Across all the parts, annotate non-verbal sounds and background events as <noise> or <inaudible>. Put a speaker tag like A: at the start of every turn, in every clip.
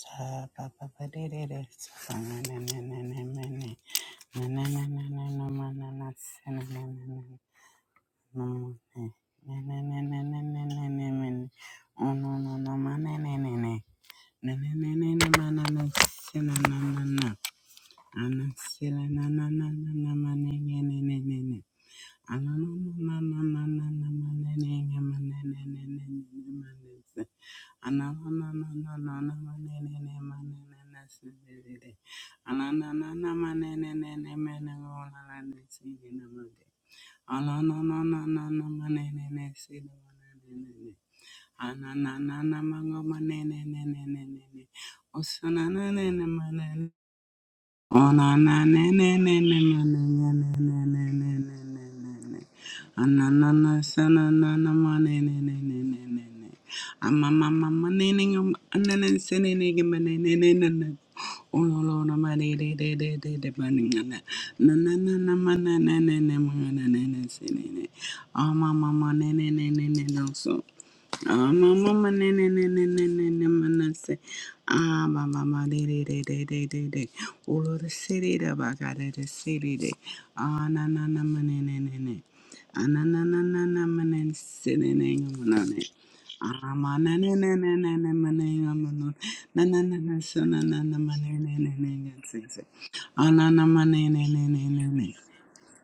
A: Sa pa pa pa de de de sa na na na na na na na na na na na na na ma na na sa na na na na na ma na na na na na na na na na na na. Oh, no no no ma na na na na. Na na na na na ma na na si na na na na. Ana si la na na na na na ma na na na na na na. Ana na na na na na na na ma na na na ma na na na na na ma na si. Ana na na na na na na ma na na na ma na na na si si si si. Ana na na na ma na na na na ma na na na na na si si na ma de. Ana na na na na na ma na na na si na ma na na na. Oh, my mama, no, no, no, no, no, no, so. Ah,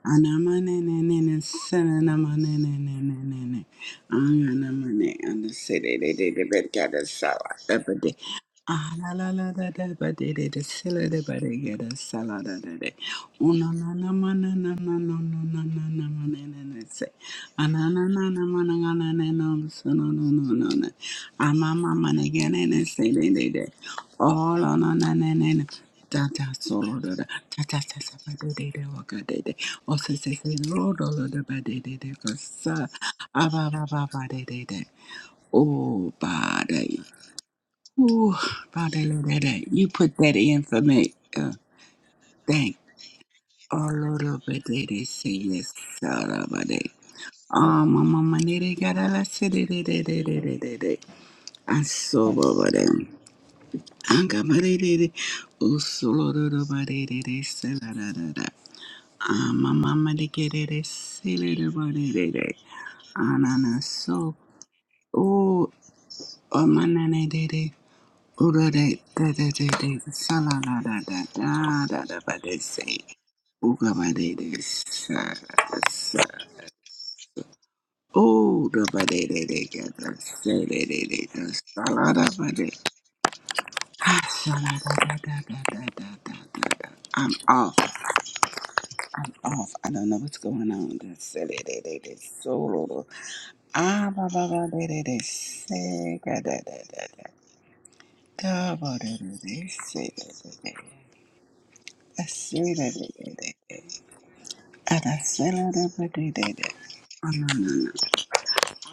A: Anama ne ne ne ne ne, na na na na na na na, ah na na na, ah the city they they they break the glass, everyday. Ah la la la da da, but they they they sell it they break the glass, da da da. Oh na na na ma na na na na na na na ma ne ne ne say, ah na na na ma na na na na na na na na na na na ma ma ne ge ne ne say, they they they. Oh la na na na na. Da da solo da da da da da da ba de de de wa ga de de o se se se lo do lo da ba de de de ko sa a ba ba ba ba de de de oh ba de ooh ba de lo de de you put that in for me uh, thank oh lo do ba de de say yes so da ba de ah mama ma de de ga da la se de de de de de de de de I so ba ba de anga ba de de de oh solo do do ba de de de se la da da da Amamama de querer celere borere ananaso o amanane de de urare da da de de salala da da da da da ba de se uga ba de de sa sa o da ba de de de ga da se de de de da salala ba de ah salala da da da da da da da da da. I'm off I'm off I don't know what's going on da se they, they, they, de solo Ah, ba ba ba de de de se ga da da da da da ba de de de se da da da da se da da da da da ah da se la da ba de de de ah na na na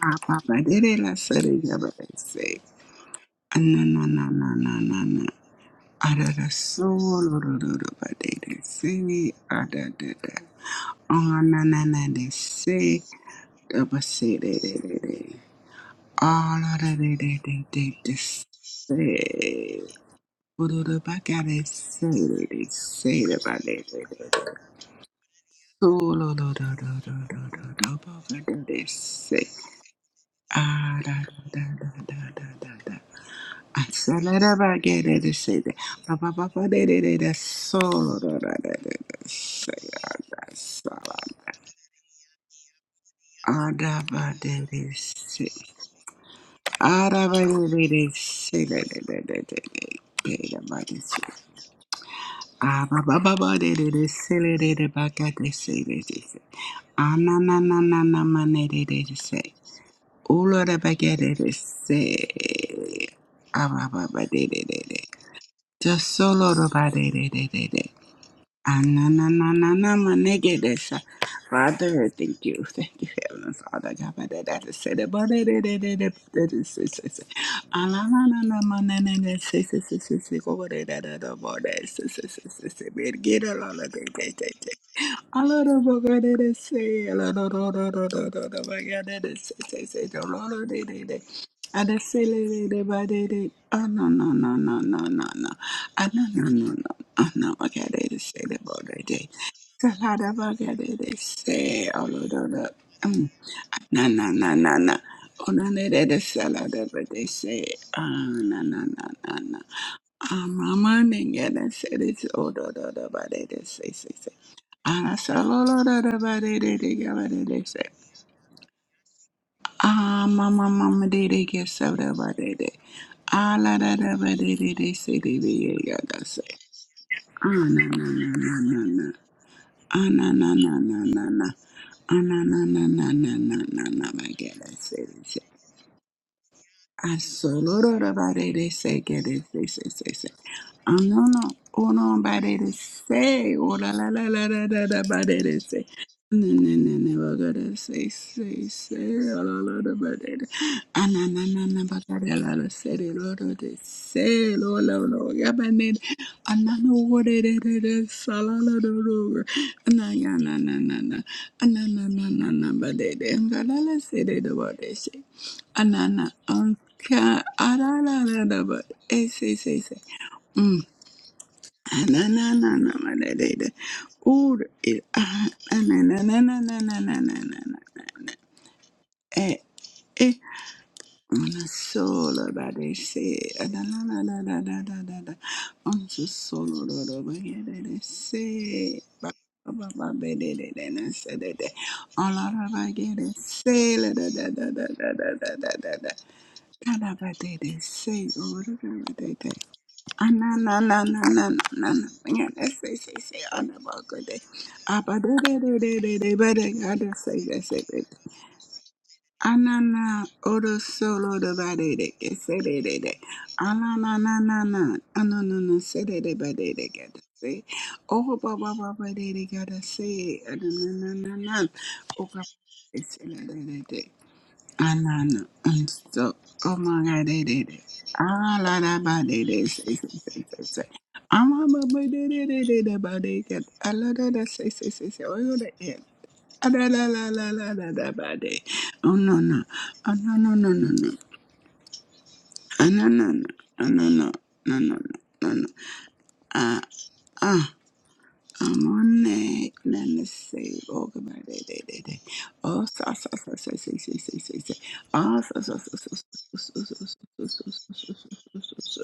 A: ah ba ba de de la se de ga ba de se ah na na na na na na na ah da da so lo lo lo lo ba de de se ah da da da ah na na na de se da ba se de de de de ah la da de de de de de se Olo da ba ga de se de de se da ba de de de de. Olo da da da da da da da ba ga de de se. Ah da da da da da da da da. Asala da ba ga de de se de. Ba ba ba ba de de de de. Solo da da da da da se da da sa la da. Ah da ba de de se. Ah da ba de de de se de de de de de de. De da ba de se. Just solo Ah na na na na na ma nega desa, brother. Thank you, thank you, Heavenly Father. God, I did that. Say the badee, badee, badee, badee, badee, badee, badee, badee, badee. Ah na na na na ma ne ne ne say say say say say. Go badee, badee, badee, badee, say say say say say. Beergira la la la la la. Ah la la badee, badee, say la la la la la la la badee, badee, say say say say say. La la la la la la. Ah the silly badee, badee, badee, badee. Oh na na na na na na na. Ah na na na na. Oh, no, okay, they just say that about that day. So how they they say all of the um na na na na na. Oh no, they they just say all that, but they say ah na na na na na. Ah, mama, they get they say this oh da da da, but they they say say say. Ah, that's all da da da, but they they they get but they they say. Ah, mama, mama, they they get so da, but they they. Ah la da da, but they they they say they they get they say. Ah na na na na na na. Anananananana. Ananananananana. My God, I get it. say this. Asolorobarere sekere se- se- se- se. Anono- onombarere se. Olalalalalalalabarere se. Anana, anka, arara, but, eh, say, say, say na na na na na na na na. Ur il ah na na na na na na na na na na na na. Eh eh. Una sola da de se da la la la la la la la la. Un so solo do do ba ye de de se ba ba ba ba be de de de na se de de. Ola ra ba ye de se la da da da da da da da da da da. Da da ba de de se ur da da da da. Anana oro solo de badede que se de de de. Anana na na na. Anana no se de de badede que de se. Oho ba ba ba badede que de se. Anana na na na. Oka se de de de. Anana and and so oh my god they did it. Ah la la ba they did say say say say say. Ah ma ma ba they did they did they they get ah la la la say say say say oh you the end. Ah la la la la la la la ba they. Oh no no oh no no no no no ah no no no ah no no no no no no no ah. ah. I'm on that. None to save. Oh, goodbye. Day, day, day, day. Oh, so, so, so, so, so, so, so, so, so. Oh, so, so, so, so, so, so, so, so, so, so, so, so, so, so, so, so, so.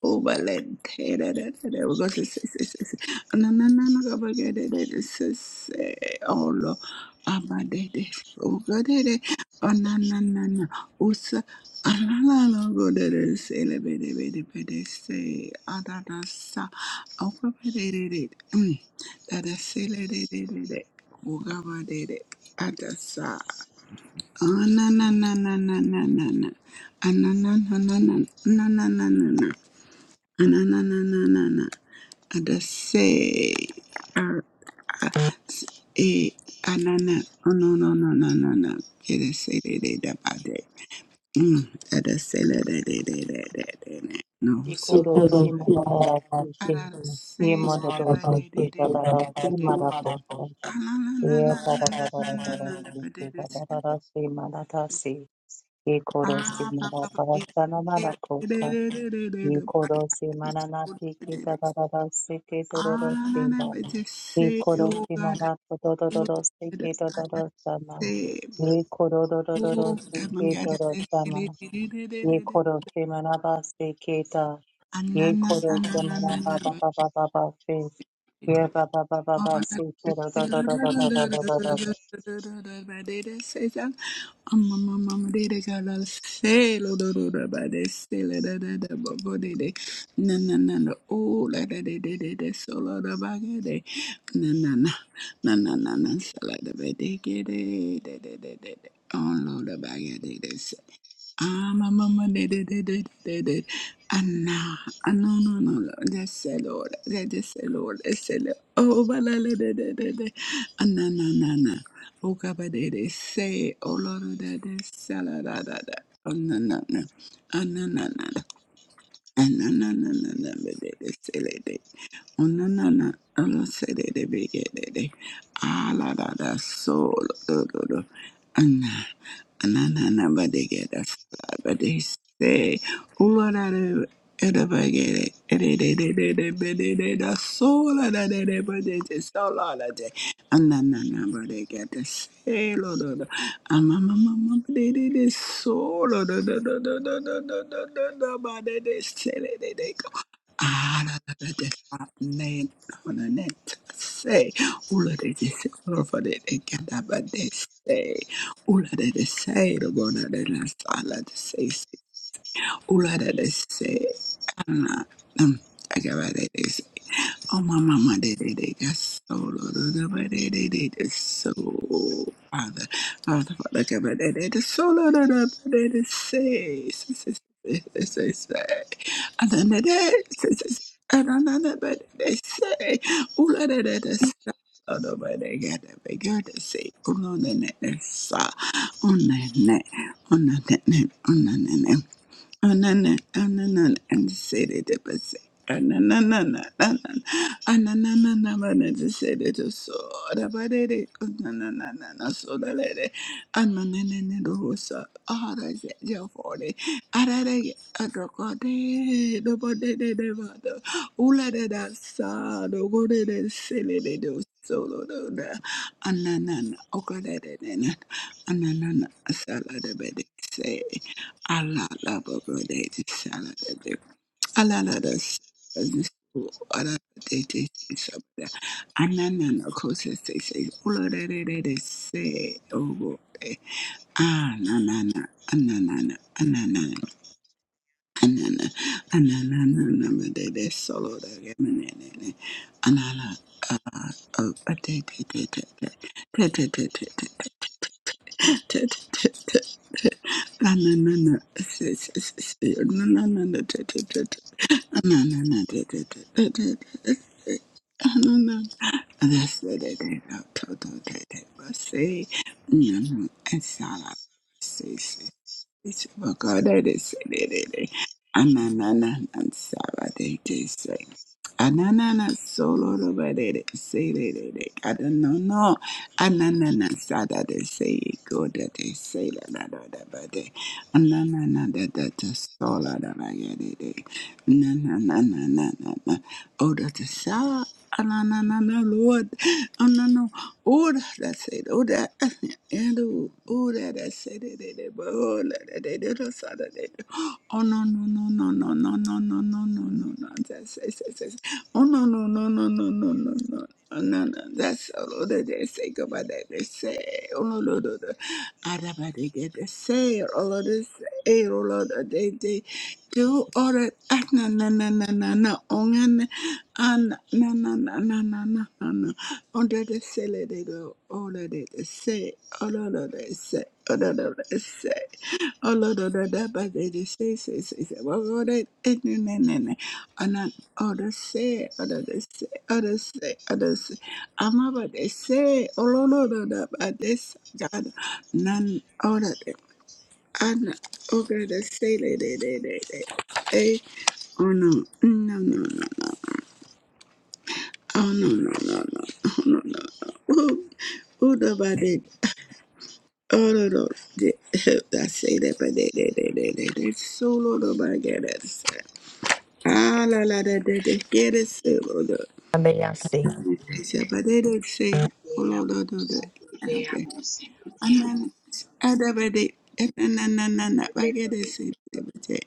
A: Oh, Valente, da, da, da, da, we're going to say, say, say, say. No, no, no, no, go back, da, da, da, da, say, say, oh, Lord, Abba, da, da, oh, God, da, da, oh, no, no, no, no, oh, sa- ah, la, la, la, go, da, da, say, la, ba, da, ba, da, ba, da, say, ah, da, da, sa, oh, ba, ba, da, da, da, mm, da, da, say, la, da, da, da, da, oh, ga, ba, da, da, ah, da, sa, oh, na, na, na, na, na, na, na, na, ah, na, na, na, na, na, na, na, na, na, na. Ananananana. Adase. Ar- as- E. Anana. Oh, no, no, no, no, no, no. Edese de de da ba de. Mm. Adase le de de de de de de de. No, so cool.
B: Ikorosi
A: Adase
B: madarasike,
A: le de ba de de
B: imadarasike
A: de
B: dadarasi madaposa,
A: de
B: ikaradarasike dadarasi madatasi, ikorosi madarasana madaposa,
A: de de de.
B: ikorosi madanatiki
A: Ah,
B: dadarasike
A: Anana
B: dororosima,
A: betese
B: ikorosi
A: ugada ugada
B: madapodororosike dadarasana,
A: betese ugada
B: ikororororosike
A: mangada
B: dorosama,
A: betele
B: Ye koro se manaba se keta. Ye
A: anana
B: koro
A: anana
B: se
A: anana
B: manaba ba ba ba ba ba se. Ye
A: betete
B: ba ba ba ba ba
A: anana
B: se kero da da da da da da da da da.
A: betese amma mamma dede gala selo dorora betese la da da da bo dede na na na na o la da de de de de solo da bagade Na na na na na na na. Shalada bedekede de de de de de. Oh Lord, abagade de se. Ah, mama de de de de de de. Anna, ah nah. Ah, no no no no. That's the Lord. That is the Lord. That's Oh, balala de de de de. Anna na na na. Oh, kaba de de se. Oh Lord, de de shalada da da. Oh na na na. Anna na na na. Anna na na na na. De de se Ona na na na se de de bege de de a la la la solo do do do na na na na na na bege da solo do do do na na na na bege da solo do do do na na na na bege da solo do do do na na na na bege da solo do do do do do do do do do do do do do do do ba de de se le de de go say Oh my mama did it it got so the so father father father cover that it is so it is say say say say say say and then it is say say say and another but they say ooh la da da da sa oh no but they got that big girl to say ooh la da da da sa on that net on that net on that Anana, anana, and said it was anana, anana, anana, anana, said it was so about it, anana, so the lady, and manana, was a hard as your forty, arade, a drocode, the body, the devado, ula de da sa, the good de silly, they do solo, the anana, okada, anana, salad, the bed, say. Allah la ba ba da ita shala da da. Allah la da shi da shi su ala de de shi sa ba da ita saboda anana na ko sai sai sai ulo da da da da sai ogo eh. ah na na na anana na anana na anana anana na na ba da da solo da ga na na na na. anala ah ah ba da da da da da da da da da da. That's it's about God that is it. Ananana and Sabbath is say. Ananana solo over it. Say they did it. I don't know. No. Ananana sada they say go that they say la la la. that about it. Ananana that that's solo la la la, yeah, they did. Na na na na na na na. Oh, that's a sa. Ananana, Lord. Anana, Oh that said, Ora, Ero, Oh that I said, and Oh that I said, Ora, that said, Oh, no, no, no, no, no, no, no, no, no, no, no, no, that's, that's, that's, that's. Oh, no, no, no, no, no, no, no, no. No, no, that's all that they say about that. They say, oh, no, no, no, no. Arabarigede se olode se olode de de do ore na na na na na na ongan an na na na na na na na na onde de se le de do olode de se olode de se Say, Oh Lord, oh Lord, that bad they just say, say, say, say. Well, Lord, it- it- no, no, no, no. And then others say, others say, others say, others say. I'm about to say, oh Lord, oh Lord, that bad they say, God, none other than- and oh God, they say, they, they, they, they, they. Hey, oh no, no, no, no, no. Oh no, no, no, no, oh no, no, no. Oh, oh, the bad Oh no no, de- <laughs> I say that, but they they they they they they solo no no, my God, that's ah la la da da da get it solo no. no. They say, but they don't say oh no no no no. Okay, and then other but they na na na na na I get it solo.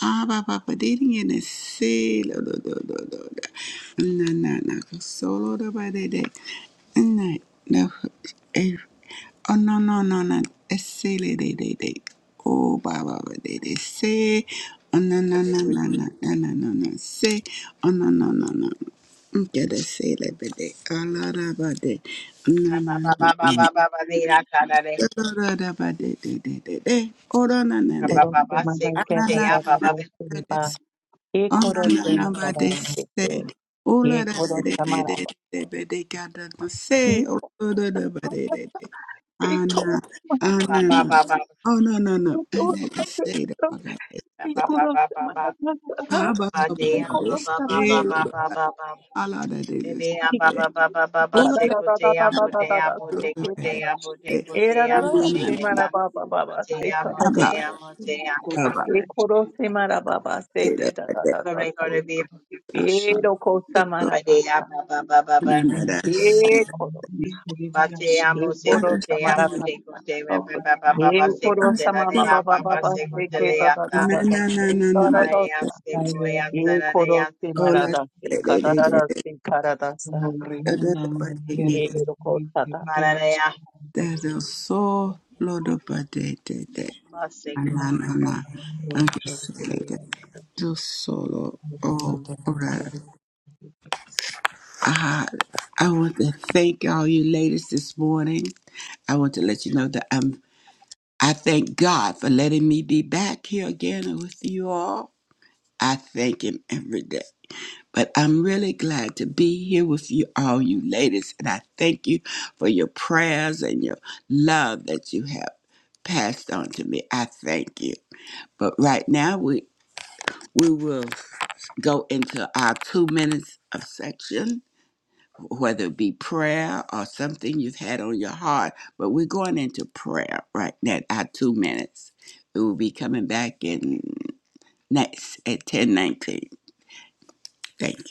A: Ah, ba ba ba, Abababadiringenese, lo, do do do do lo. Na, na, na, solo da ba de de. Na, na, eh. Oh, no, no, no, no. Ese, le, de, de, de. Oh, ba, ba, ba, de, de, se. Oh, no, no, no, no, no, no, no, no, no, se. Oh, no, no, no, no. Get a se, le, be, de. Ah, la, da, ba, de. na na na, no. Da, da, da, ba, de, de, de, de, de. Oh, da, na,
B: Ye
A: na, de.
B: koro se manaba
A: Ah, na,
B: keta
A: na,
B: da da
A: na,
B: da se
A: na.
B: ba. Ye koro se manaba se
A: Ananabadese,
B: kero. Ye koro se manaba.
A: oladadadadadadabadekadamase, orodadabadadada.
B: Ye koro
A: Ana,
B: se manaba
A: anana.
B: se
A: Oh, no, no, no. I
B: kero.
A: didn't say that. I
B: da
A: got
B: da da da, Ye
A: that.
B: koro se manaba se kero. Ye koro se manaba se kero.
A: How about how
B: Da
A: about this? Say, all of that is this.
C: Baba Baba Baba
A: All of
B: da da
A: that
B: da da
C: Sekotea
B: da da da
C: Motea
B: da se
A: is
B: keta.
C: Botekotea
A: this. Say,
B: Era da
C: Botekotea
A: no, no,
B: da
A: no,
B: se
A: no.
B: mara
C: Motea
B: baba baba se
C: Motea
B: ka da
A: How
B: da da
A: about,
C: Motea
B: da.
C: Motea
A: how about
B: E koro se mara baba se
A: say
B: te
A: that
B: da
A: like
B: da
A: that?
B: da da
C: Glory
B: sa.
C: Glory be
B: E ro ko sa
A: No,
B: mara
C: Babadea
B: baba.
C: Baba Baba
A: no,
C: Baba
A: no, that's,
B: E koro.
C: Batea
B: E
A: I
B: koro
A: just
B: sa
C: Mosekotea
B: mara
A: say,
B: baba.
C: Motekotea Baba Baba
B: E koro
A: I
B: sa mama
A: still,
C: Sekotelea
B: baba
C: Baba
B: baba se te da da
A: no,
B: da
C: Sekoteleata
B: da da.
A: no, no,
B: E
A: no,
B: da
A: no,
B: da da
C: Maria
B: sa.
A: but
C: Sekoea
B: E koro
C: Tanadea
B: se mara
A: Hola,
B: da se
A: there's
B: ka da da da se ka da da sa. E ro ko sa da.
C: Maria
A: a soul load of badete,
C: Basekoea
A: anana, angeselede, do solo, oh, ora. Ah, I want to thank all you ladies this morning. I want to let you know that I'm, I thank God for letting me be back here again with you all. I thank Him every day. But I'm really glad to be here with you all, you ladies. And I thank you for your prayers and your love that you have passed on to me. I thank you. But right now, we, we will go into our two minutes of section, whether it be prayer or something you've had on your heart. But we're going into prayer right now, our two minutes. We will be coming back in next at ten nineteen. Thank you.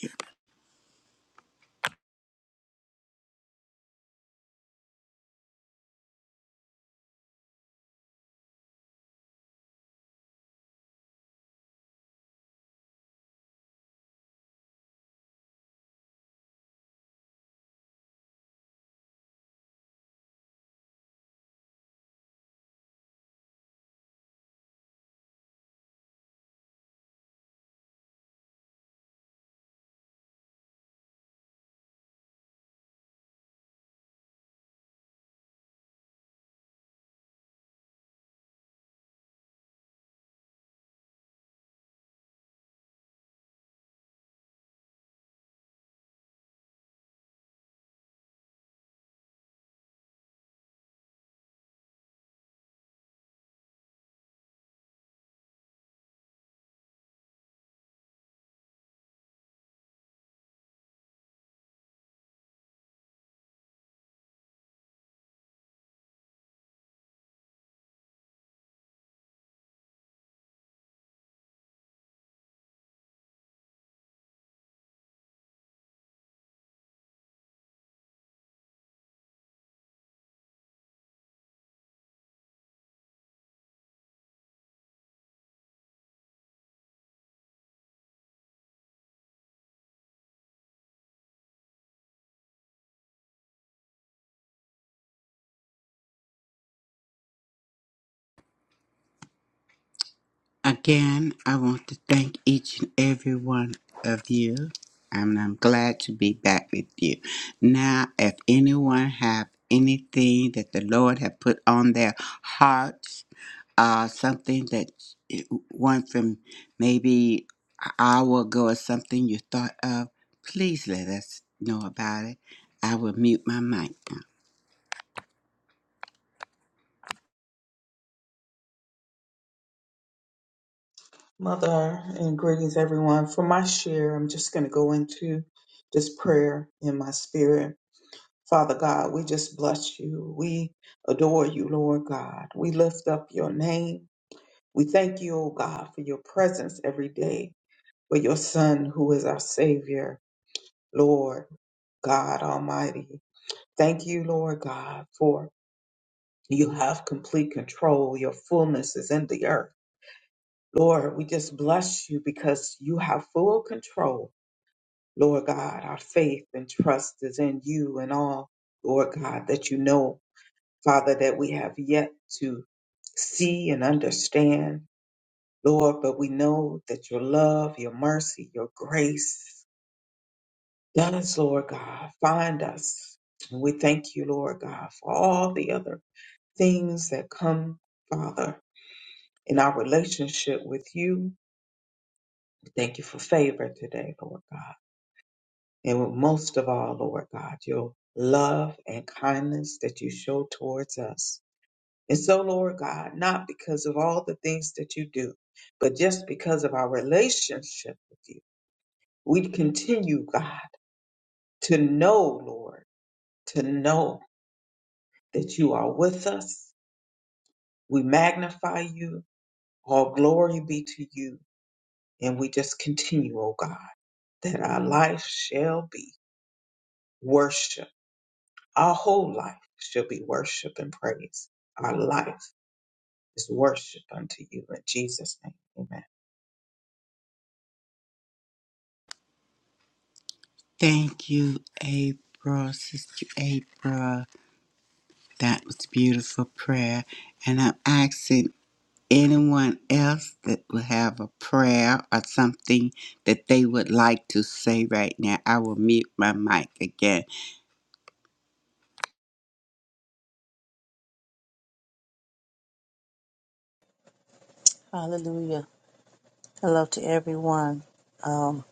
A: Again, I want to thank each and every one of you, and I'm glad to be back with you. Now, if anyone have anything that the Lord have put on their hearts, uh, something that one from maybe an hour ago or something you thought of, please let us know about it. I will mute my mic now.
D: Mother and greetings everyone. For my share, I'm just going to go into this prayer in my spirit. Father God, we just bless you. We adore you, Lord God. We lift up your name. We thank you, O God, for your presence every day, for your Son, who is our Savior, Lord God Almighty. Thank you, Lord God, for you have complete control. Your fullness is in the earth. Lord, we just bless you because you have full control. Lord God, our faith and trust is in you and all, Lord God, that you know, Father, that we have yet to see and understand. Lord, but we know that your love, your mercy, your grace does, Lord God, find us. And we thank you, Lord God, for all the other things that come, Father, in our relationship with you. We Thank you for favor today, Lord God. And most of all, Lord God, your love and kindness that you show towards us. And so, Lord God, not because of all the things that you do, but just because of our relationship with you. We continue, God, to know, Lord, to know that you are with us. We magnify you. All glory be to you. And we just continue, O God, that our life shall be worship. Our whole life shall be worship and praise. Our life is worship unto you. In Jesus' name, amen.
A: Thank you, April, Sister April. That was beautiful prayer. And I'm asking anyone else that will have a prayer or something that they would like to say right now. I will mute my mic again.
B: Hallelujah. Hello to everyone. Um,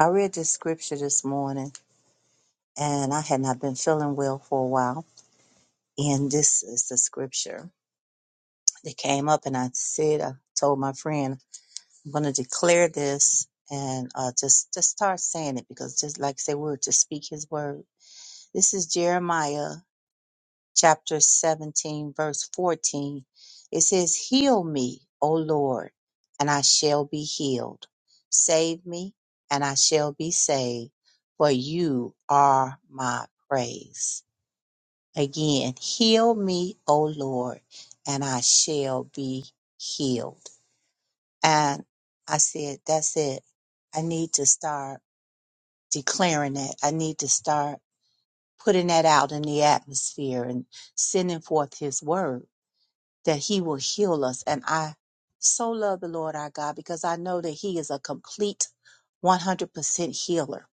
B: I read this scripture this morning. and I had not been feeling well for a while. And this is the scripture that came up, and I said, I told my friend, I'm going to declare this and uh, just just start saying it because just like I say, we're to speak His word. This is Jeremiah chapter 17, verse 14. It says, "Heal me, O Lord, and I shall be healed. Save me, and I shall be saved, for You are my praise." Again, heal me, O Lord, and I shall be healed. And I said, that's it. I need to start declaring that. I need to start putting that out in the atmosphere and sending forth his word that he will heal us. And I so love the Lord our God because I know that he is a complete 100% healer.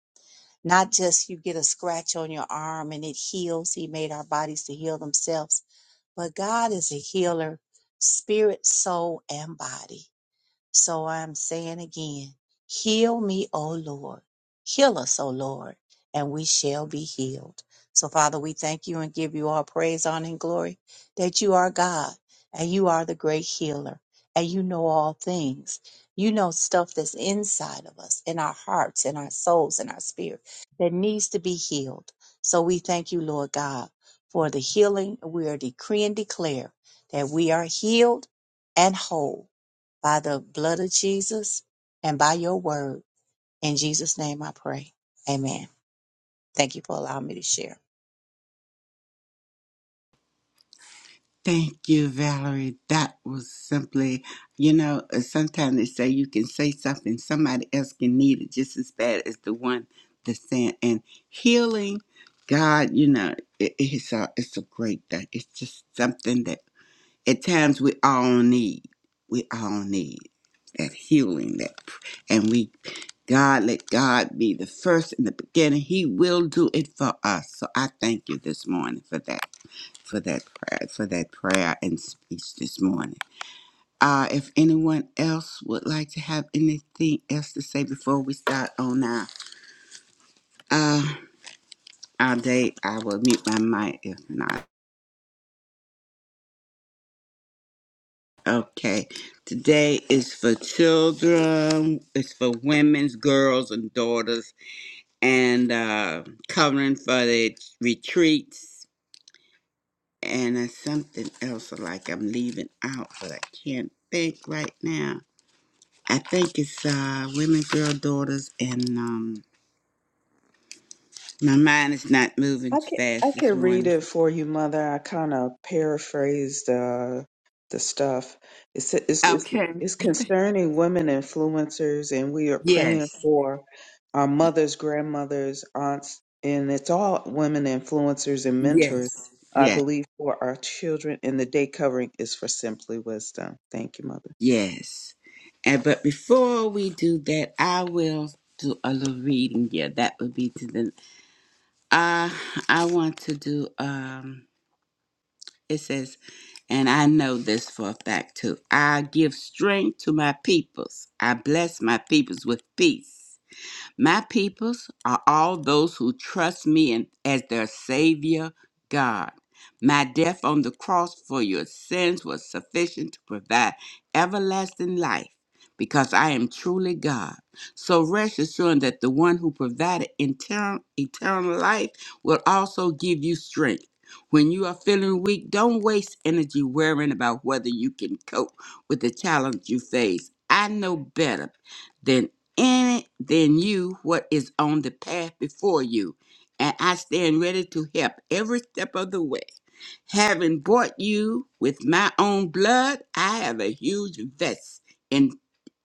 B: Not just you get a scratch on your arm and it heals. He made our bodies to heal themselves But God is a healer, spirit, soul, and body. So I'm saying again, heal me, O Lord. Heal us, O Lord, and we shall be healed. So, Father, we thank you and give you all praise, honor, and glory that you are God and you are the great healer and you know all things. You know stuff that's inside of us, in our hearts, in our souls, in our spirit that needs to be healed. So, we thank you, Lord God, for the healing. We are decree and declare that we are healed and whole by the blood of Jesus and by your word. In Jesus' name I pray. Amen. Thank you for allowing me to share.
A: Thank you, Valerie. That was simply, you know, uh, sometimes they say you can say something, somebody else can need it just as bad as the one that's saying. And healing, God, you know, it, it's, a, it's a great thing. It's just something that at times we all need we all need that healing that and we god let god be the first in the beginning he will do it for us so i thank you this morning for that for that prayer for that prayer and speech this morning uh, if anyone else would like to have anything else to say before we start on our uh, our day, I will mute my mic if not. Okay. Today is for children, it's for women's, girls, and daughters, and uh, covering for the retreats. And there's something else like I'm leaving out, but I can't think right now. I think it's uh, women, girl, daughters, and um, my mind is not moving
D: I can I
A: fast this
D: can read
A: morning.
D: it for you, Mother. I kind of paraphrased uh, the stuff. It's, it's it's
A: Okay.
D: it's concerning women influencers, and we are praying
A: Yes.
D: for our mothers, grandmothers, aunts, and it's all women influencers and mentors.
A: Yes.
D: I
A: Yes.
D: believe for our children, and the day covering is for simply wisdom. Thank you, Mother.
A: Yes. And but before we do that, I will do a little reading. Yeah, that would be to the uh I want to do um it says, and I know this for a fact too. I give strength to my peoples. I bless my peoples with peace. My peoples are all those who trust me in, as their Savior God. My death on the cross for your sins was sufficient to provide everlasting life because I am truly God. So rest assured that the one who provided eternal, eternal life will also give you strength. When you are feeling weak, don't waste energy worrying about whether you can cope with the challenge you face. I know better in it than you what is on the path before you, and I stand ready to help every step of the way. Having bought you with my own blood, I have a huge vest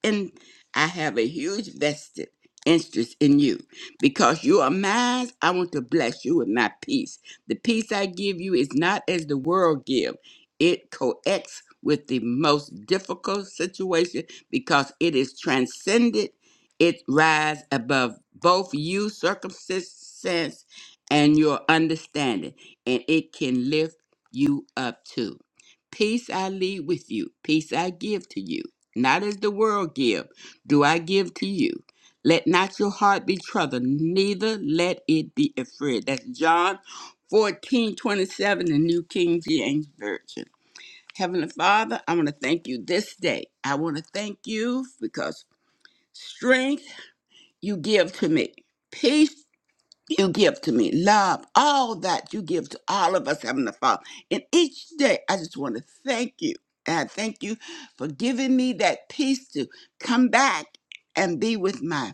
A: and I have a huge vested interest in you because you are mine. I want to bless you with my peace. The peace I give you is not as the world give. It coexists with the most difficult situation because it is transcended. It rise above both you circumstance and your understanding, and it can lift you up too. Peace I leave with you. Peace I give to you not as the world give, do I give to you. Let not your heart be troubled, neither let it be afraid. That's John 14 27, the New King James Version. Heavenly Father, I want to thank you this day. I want to thank you because strength you give to me. peace you give to me, love, all that you give to all of us, Heavenly Father. And each day, I just want to thank you. And I thank you for giving me that peace to come back and be with my,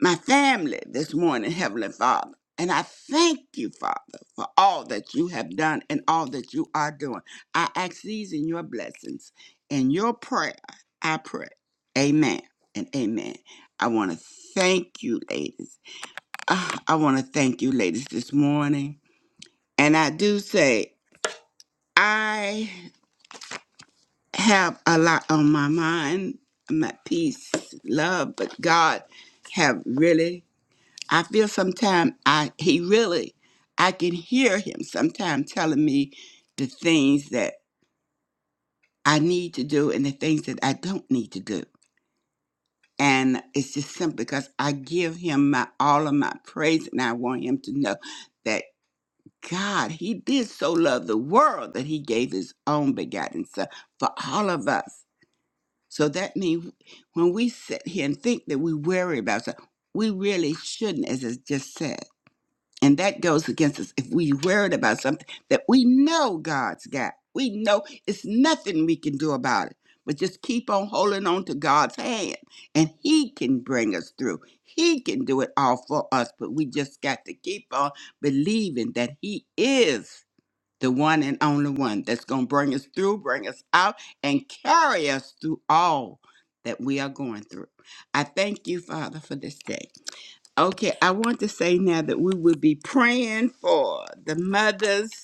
A: my family this morning, Heavenly Father. And I thank you, Father, for all that you have done and all that you are doing. I ask these in your blessings. In your prayer, I pray. Amen and amen. I want to thank you, ladies. Ah, I want to thank you, ladies, this morning. And I do say, I have a lot on my mind, my peace, love, but God have really, I feel sometimes I, he really, I can hear him sometimes telling me the things that I need to do and the things that I don't need to do. And it's just simple because I give him my all of my praise and I want him to know that. God, he did so love the world that he gave his own begotten son for all of us. So that means when we sit here and think that we worry about something, we really shouldn't, as I just said. And that goes against us if we worried about something that we know God's got. We know it's nothing we can do about it. But just keep on holding on to God's hand, and He can bring us through. He can do it all for us, but we just got to keep on believing that He is the one and only one that's going to bring us through, bring us out, and carry us through all that we are going through. I thank you, Father, for this day. Okay, I want to say now that we will be praying for the mothers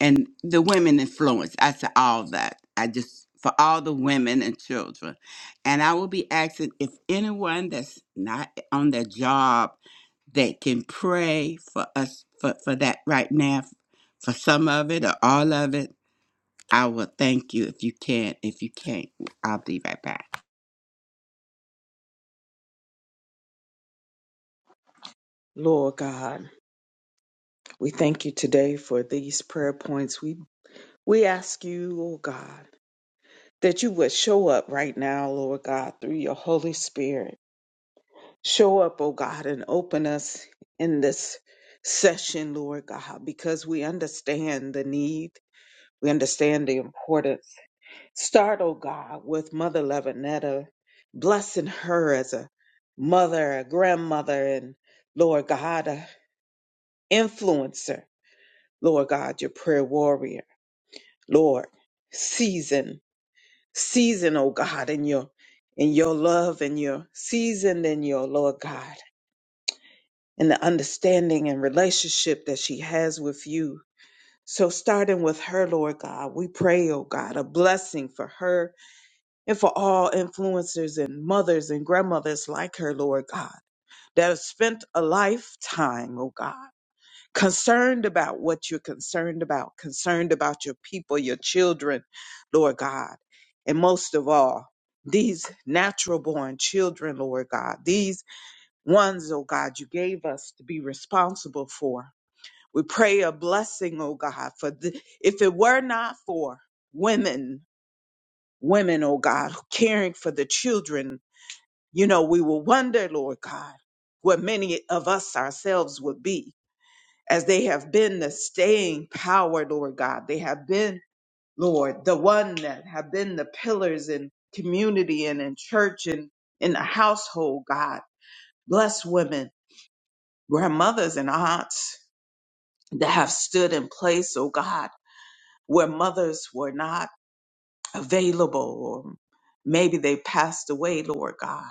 A: and the women influence. I said all that. I just for all the women and children. And I will be asking if anyone that's not on their job that can pray for us for, for that right now, for some of it or all of it. I will thank you if you can. If you can't, I'll be right back.
D: Lord God, we thank you today for these prayer points. We we ask you, oh God. that you would show up right now, Lord God, through your Holy Spirit. Show up, oh God, and open us in this session, Lord God, because we understand the need, we understand the importance. Start, oh God, with Mother Levinetta, blessing her as a mother, a grandmother, and Lord God, a influencer. Lord God, your prayer warrior. Lord, season. season, oh God, in your in your love and your season in your Lord God and the understanding and relationship that she has with you. So starting with her, Lord God, we pray, oh God, a blessing for her and for all influencers and mothers and grandmothers like her, Lord God, that have spent a lifetime, oh God concerned about what you're concerned about, concerned about your people, your children, Lord God. And most of all, these natural born children, Lord God, these ones, oh God, you gave us to be responsible for. We pray a blessing, oh God, for the, if it were not for women, women, oh God, caring for the children, you know, we will wonder, Lord God, where many of us ourselves would be as they have been the staying power, Lord God. They have been, Lord, the one that have been the pillars in community and in church and in the household, God. Bless women, grandmothers and aunts that have stood in place, oh God, where mothers were not available or maybe they passed away, Lord God.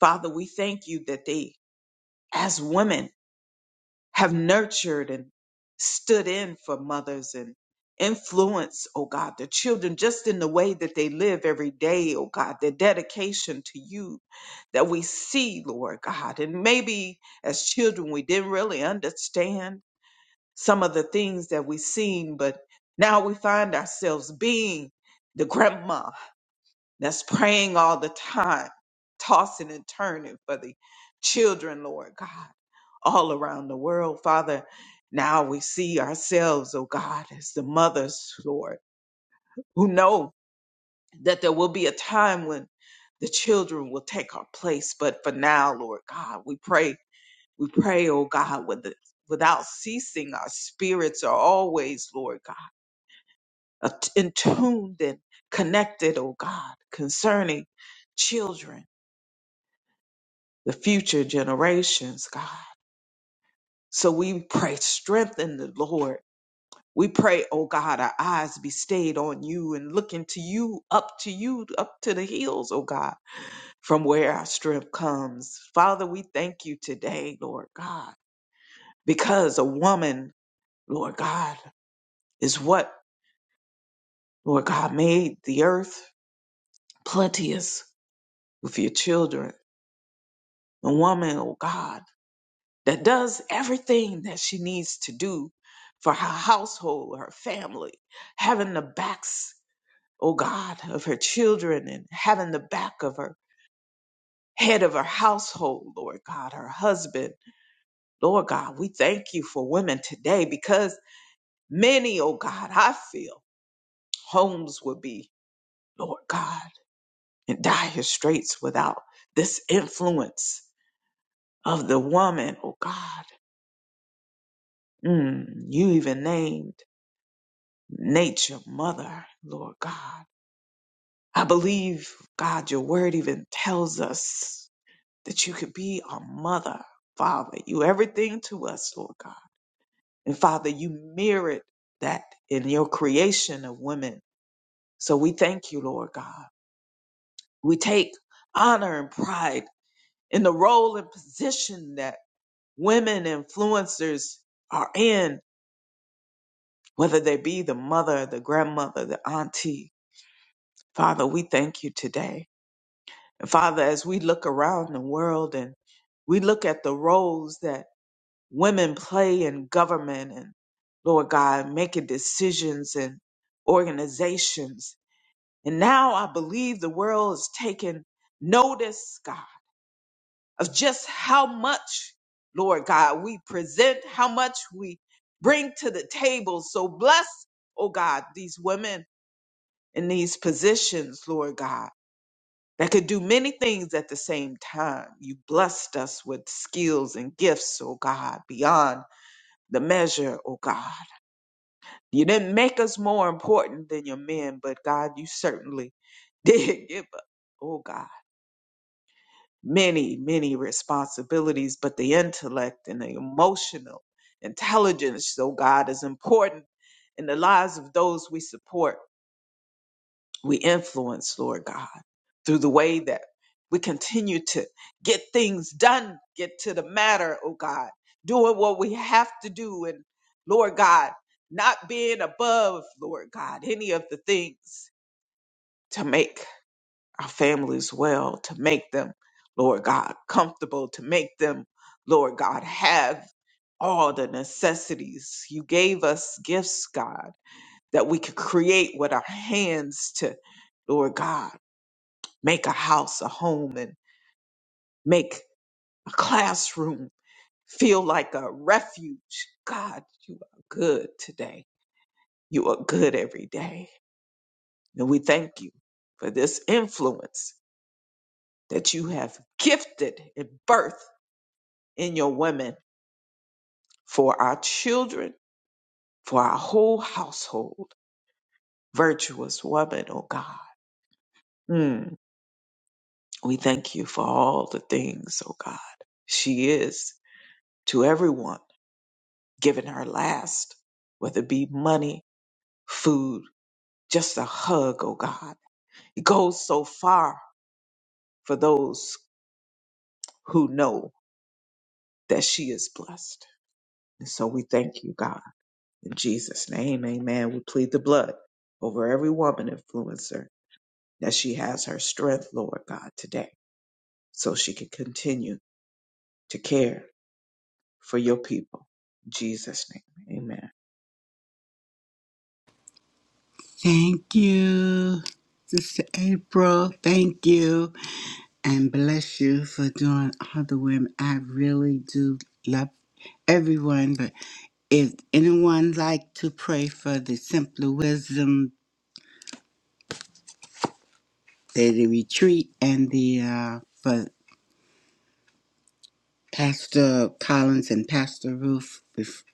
D: Father, we thank you that they, as women, have nurtured and stood in for mothers and influence, oh God, the children just in the way that they live every day, oh God, their dedication to you that we see, Lord God. And maybe as children we didn't really understand some of the things that we seen, but now we find ourselves being the grandma that's praying all the time, tossing and turning for the children, Lord God all around the world, Father. Now we see ourselves, oh God, as the mothers, Lord, who know that there will be a time when the children will take our place. But for now, Lord God, we pray, we pray, oh God, with the, without ceasing, our spirits are always, Lord God, at- in tuned and connected, oh God, concerning children, the future generations, God. So we pray, strengthen the Lord We pray, oh God, our eyes be stayed on you and looking to you, up to you, up to the hills, oh God, from where our strength comes. Father, we thank you today, Lord God, because a woman, Lord God, is what, Lord God, made the earth plenteous with your children. A woman, oh God, that does everything that she needs to do for her household, her family, having the backs O God, of her children and having the back of her head of her household, Lord God, her husband. Lord God, we thank you for women today because many, O God, I feel homes will be, Lord God, in dire straits without this influence of the woman, O God. Mm, you even named nature mother, Lord God. I believe, God, your word even tells us that you could be our mother, Father. You everything to us, Lord God. And Father, you mirrored that in your creation of women. So we thank you, Lord God. We take honor and pride in the role and position that women influencers are in, whether they be the mother, the grandmother, the auntie. Father, we thank you today. And Father, as we look around the world and we look at the roles that women play in government and Lord God, making decisions and organizations. And now I believe the world is taking notice, God, of just how much, Lord God, we present, how much we bring to the table. So bless, oh God, these women in these positions, Lord God, that could do many things at the same time. You blessed us with skills and gifts, oh God, beyond the measure, oh God. You didn't make us more important than your men, but God, you certainly did <laughs> give us, oh God, many, many responsibilities, but the intellect and the emotional intelligence, oh God, is important in the lives of those we support we influence, Lord God, through the way that we continue to get things done, get to the matter, oh God, doing what we have to do, and Lord God, not being above, Lord God, any of the things to make our families well, to make them, Lord God, comfortable, to make them, Lord God, have all the necessities. You gave us gifts, God, that we could create with our hands to, Lord God make a house a home and make a classroom feel like a refuge. God, you are good today. You are good every day. And we thank you for this influence that you have gifted and birth in your women for our children, for our whole household. Virtuous woman, oh God. Mm. We thank you for all the things, oh God. She is to everyone given her last, whether it be money, food, just a hug, oh God. It goes so far for those who know that she is blessed. And so we thank you, God. In Jesus' name, amen. We plead the blood over every woman influencer that she has her strength, Lord God, today, so she can continue to care for your people. In Jesus' name, amen.
A: Thank you, Sister April. Thank you. and bless you for doing all the women. I really do love everyone, but if anyone like to pray for the Simpler Wisdom, the, the retreat, and the uh, for Pastor Collins and Pastor Ruth, if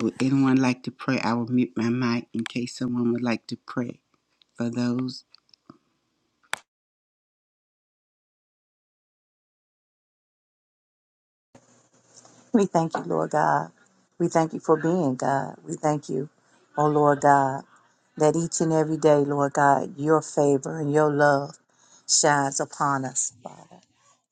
A: would anyone like to pray, I will mute my mic in case someone would like to pray for those.
B: We thank you, Lord God. We thank you for being God. We thank you, oh Lord God, that each and every day, Lord God, your favor and your love shines upon us, Father.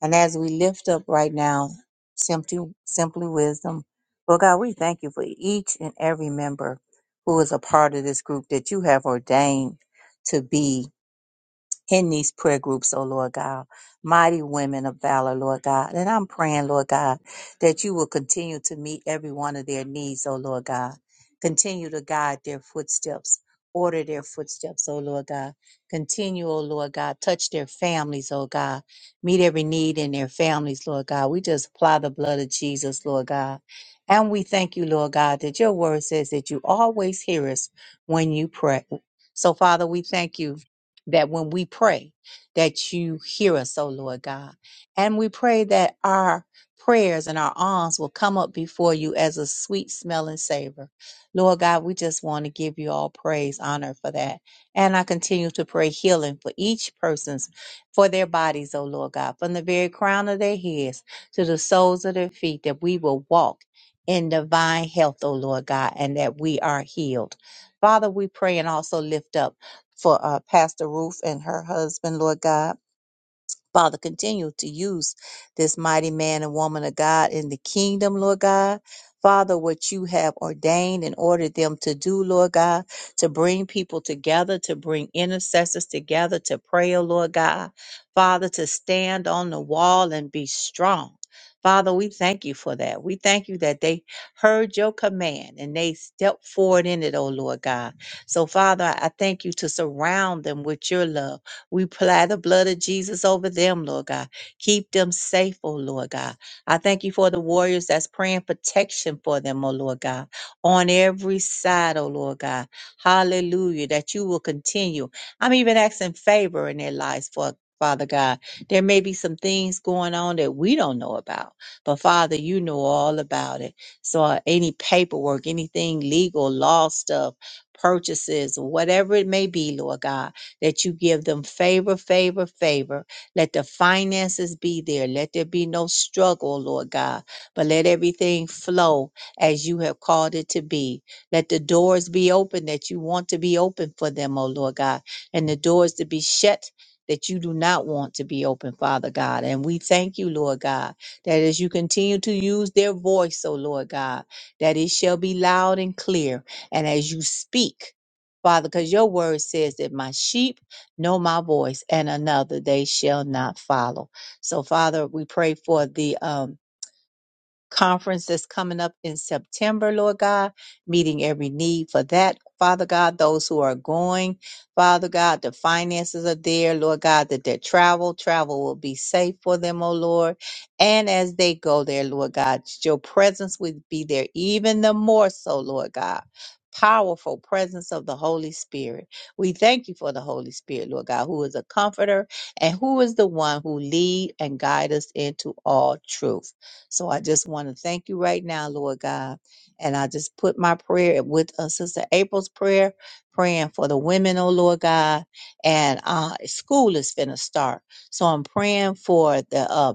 B: And as we lift up right now, simply, simply wisdom, Lord God, we thank you for each and every member who is a part of this group that you have ordained to be in these prayer groups, oh Lord God. Mighty women of valor, Lord God. And I'm praying, Lord God, that you will continue to meet every one of their needs, oh Lord God. Continue to guide their footsteps, order their footsteps, oh Lord God. Continue, oh Lord God, touch their families, oh God. Meet every need in their families, Lord God. We just apply the blood of Jesus, Lord God. And we thank you, Lord God, that your word says that you always hear us when you pray. So, Father, we thank you that when we pray that you hear us O lord god and we pray that our prayers and our alms will come up before you as a sweet smelling savor lord god we just want to give you all praise honor for that and i continue to pray healing for each person's for their bodies O lord god from the very crown of their heads to the soles of their feet that we will walk in divine health, O Lord God, and that we are healed. Father, we pray and also lift up for uh, Pastor Ruth and her husband, Lord God. Father, continue to use this mighty man and woman of God in the kingdom, Lord God. Father, what you have ordained and ordered them to do, Lord God, to bring people together, to bring intercessors together, to pray, oh Lord God. Father, to stand on the wall and be strong. Father, we thank you for that. We thank you that they heard your command and they stepped forward in it, oh Lord God. So, Father, I I thank you to surround them with your love we apply the blood of Jesus over them, Lord God. Keep them safe, oh Lord God. I thank you for the warriors that's praying protection for them, oh Lord God, on every side, oh Lord God. Hallelujah, that you will continue. I'm even asking favor in their lives for. Father God, there may be some things going on that we don't know about, but Father, you know all about it. So, uh, any paperwork, anything legal, law stuff, purchases, whatever it may be, Lord God, that you give them favor, favor, favor. Let the finances be there. Let there be no struggle, Lord God, but let everything flow as you have called it to be. Let the doors be open that you want to be open for them, O Lord God, and the doors to be shut that you do not want to be open, Father God. And we thank you, Lord God, that as you continue to use their voice, O Lord God, that it shall be loud and clear. And as you speak, Father, because your word says that my sheep know my voice and another they shall not follow. So, Father, we pray for the um, conference that's coming up in September, Lord God, meeting every need for that, Father God, those who are going, Father God, the finances are there, Lord God, that their travel, travel will be safe for them, oh Lord. And as they go there, Lord God, your presence would be there even the more so, Lord God. Powerful presence of the Holy Spirit. We thank you for the Holy Spirit, Lord God, who is a comforter and who is the one who lead and guide us into all truth. So I just want to thank you right now, Lord God. And I just put my prayer with uh, Sister April's prayer, praying for the women, oh Lord God. And uh, school is finna start. So I'm praying for the uh,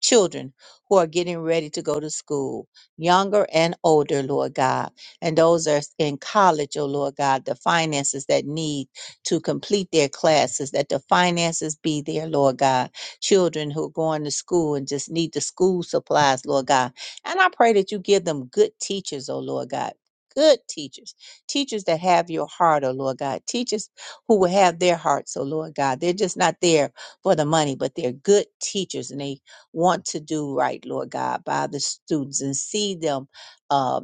B: children who are getting ready to go to school, younger and older, Lord God, and those that are in college, oh Lord God, the finances that need to complete their classes, that the finances be there, Lord God. Children who are going to school and just need the school supplies, Lord God. And I pray that you give them good teachers, oh Lord God. Good teachers, teachers that have your heart, oh Lord God, teachers who will have their hearts, oh Lord God. They're just not there for the money, but they're good teachers and they want to do right, Lord God, by the students and see them uh,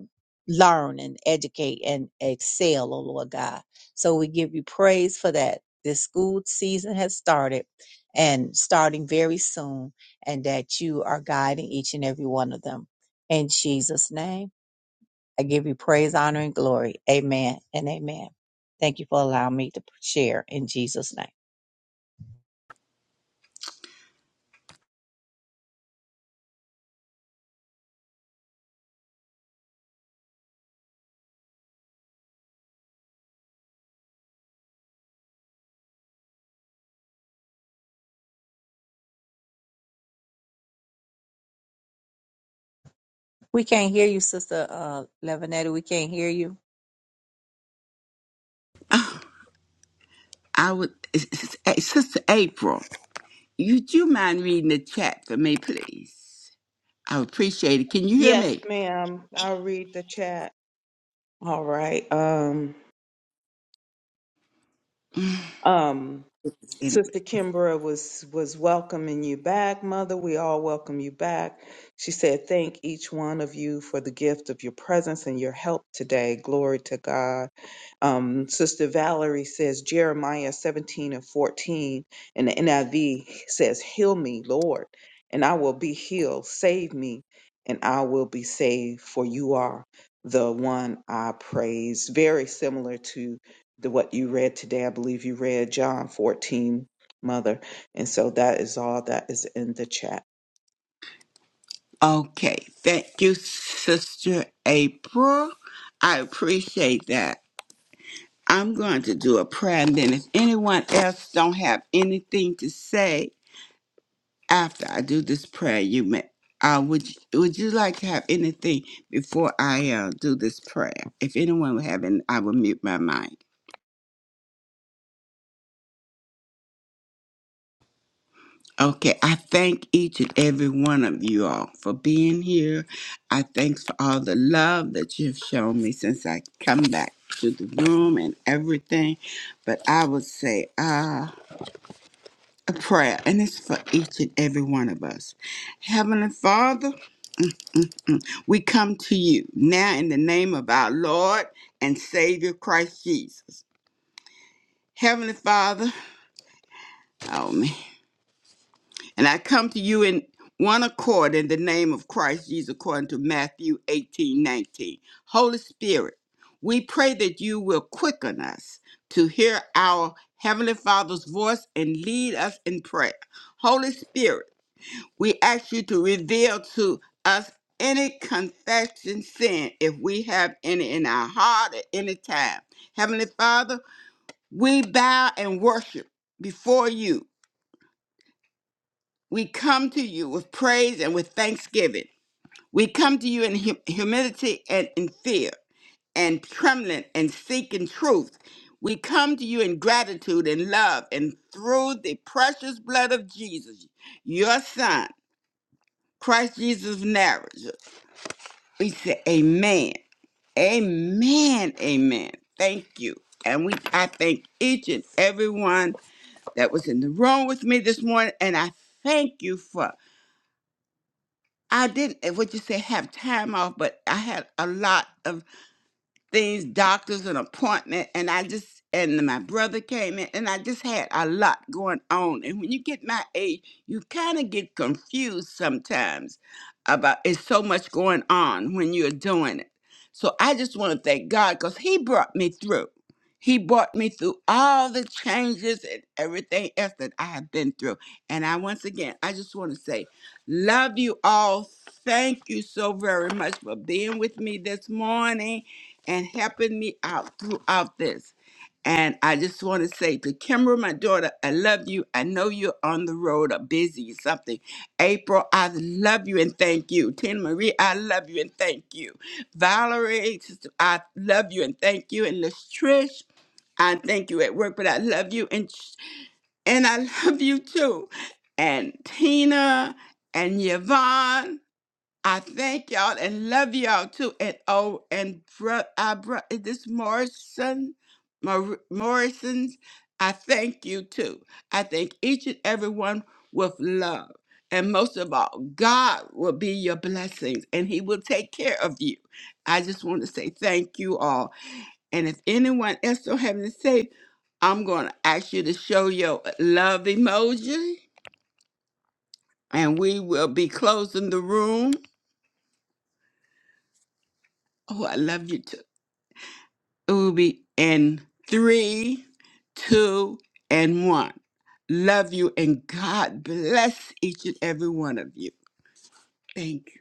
B: learn and educate and excel, oh Lord God. So we give you praise for that. This school season has started and starting very soon, and that you are guiding each and every one of them. In Jesus' name. I give you praise, honor, and glory. Amen and amen. Thank you for allowing me to share in Jesus' name. We can't hear you, Sister uh, Levinetti. We can't hear you.
A: I would, S- S- S- Sister April, would you mind reading the chat for me, please? I would appreciate it. Can you hear
D: Yes,
A: me?
D: ma'am. I'll read the chat. All right. Um, um, Sister Kimbra was was welcoming you back, Mother. We all welcome you back. She said, "Thank each one of you for the gift of your presence and your help today. Glory to God." Um, Sister Valerie says Jeremiah 17 and 14, and the NIV says, Heal me, Lord, and I will be healed. Save me, and I will be saved, for you are the one I praise. Very similar to the, what you read today. I believe you read John 14, Mother. And so that is all that is in the chat.
A: Okay, thank you, Sister April. I appreciate that. I'm going to do a prayer, and then if anyone else don't have anything to say after I do this prayer, you may. Uh, would you, Would you like to have anything before I uh, do this prayer? If anyone would have, an, I will mute my mind. Okay, I thank each and every one of you all for being here. I thanks for all the love that you've shown me since I come back to the room and everything. But I would say uh, a prayer, and it's for each and every one of us. Heavenly Father, we come to you now in the name of our Lord and Savior Christ Jesus. Heavenly Father, oh man. And I come to you in one accord in the name of Christ Jesus, according to Matthew 18 19. Holy Spirit, we pray that you will quicken us to hear our Heavenly Father's voice and lead us in prayer. Holy Spirit, we ask you to reveal to us any confession sin if we have any in our heart at any time. Heavenly Father, we bow and worship before you we come to you with praise and with thanksgiving. We come to you in hu- humility and in fear and trembling and seeking truth. We come to you in gratitude and love and through the precious blood of Jesus, your son, Christ Jesus of Nazareth. We say amen. Amen. Amen. Thank you. And we I thank each and every one that was in the room with me this morning. And I thank you for I didn't, eh, what you say, have time off, but I had a lot of things, doctors, an appointment, and I just and then my brother came in, and I just had a lot going on. And when you get my age, you kind of get confused sometimes about it's so much going on when you're doing it. So I just want to thank God because He brought me through. He brought me through all the changes and everything else that I have been through. And I once again, I just want to say, love you all. Thank you so very much for being with me this morning and helping me out throughout this. And I just want to say to Kimber, my daughter, I love you. I know you're on the road or busy or something. April, I love you and thank you. Tina Marie, I love you and thank you. Valerie, sister, I love you and thank you. And Liz Trish, I thank you at work, but I love you and and I <laughs> love you too. And Tina and Yvonne, I thank y'all and love y'all too. And oh, and bro, I bro, is this Morrison? Mor- Morrison's. I thank you too. I thank each and every one with love. And most of all, God will be your blessings and He will take care of you. I just want to say thank you all. And if anyone else don't have to say, I'm going to ask you to show your love emoji and we will be closing the room. Oh, I love you too. It will be in three, two, and one. Love you and God bless each and every one of you. Thank you.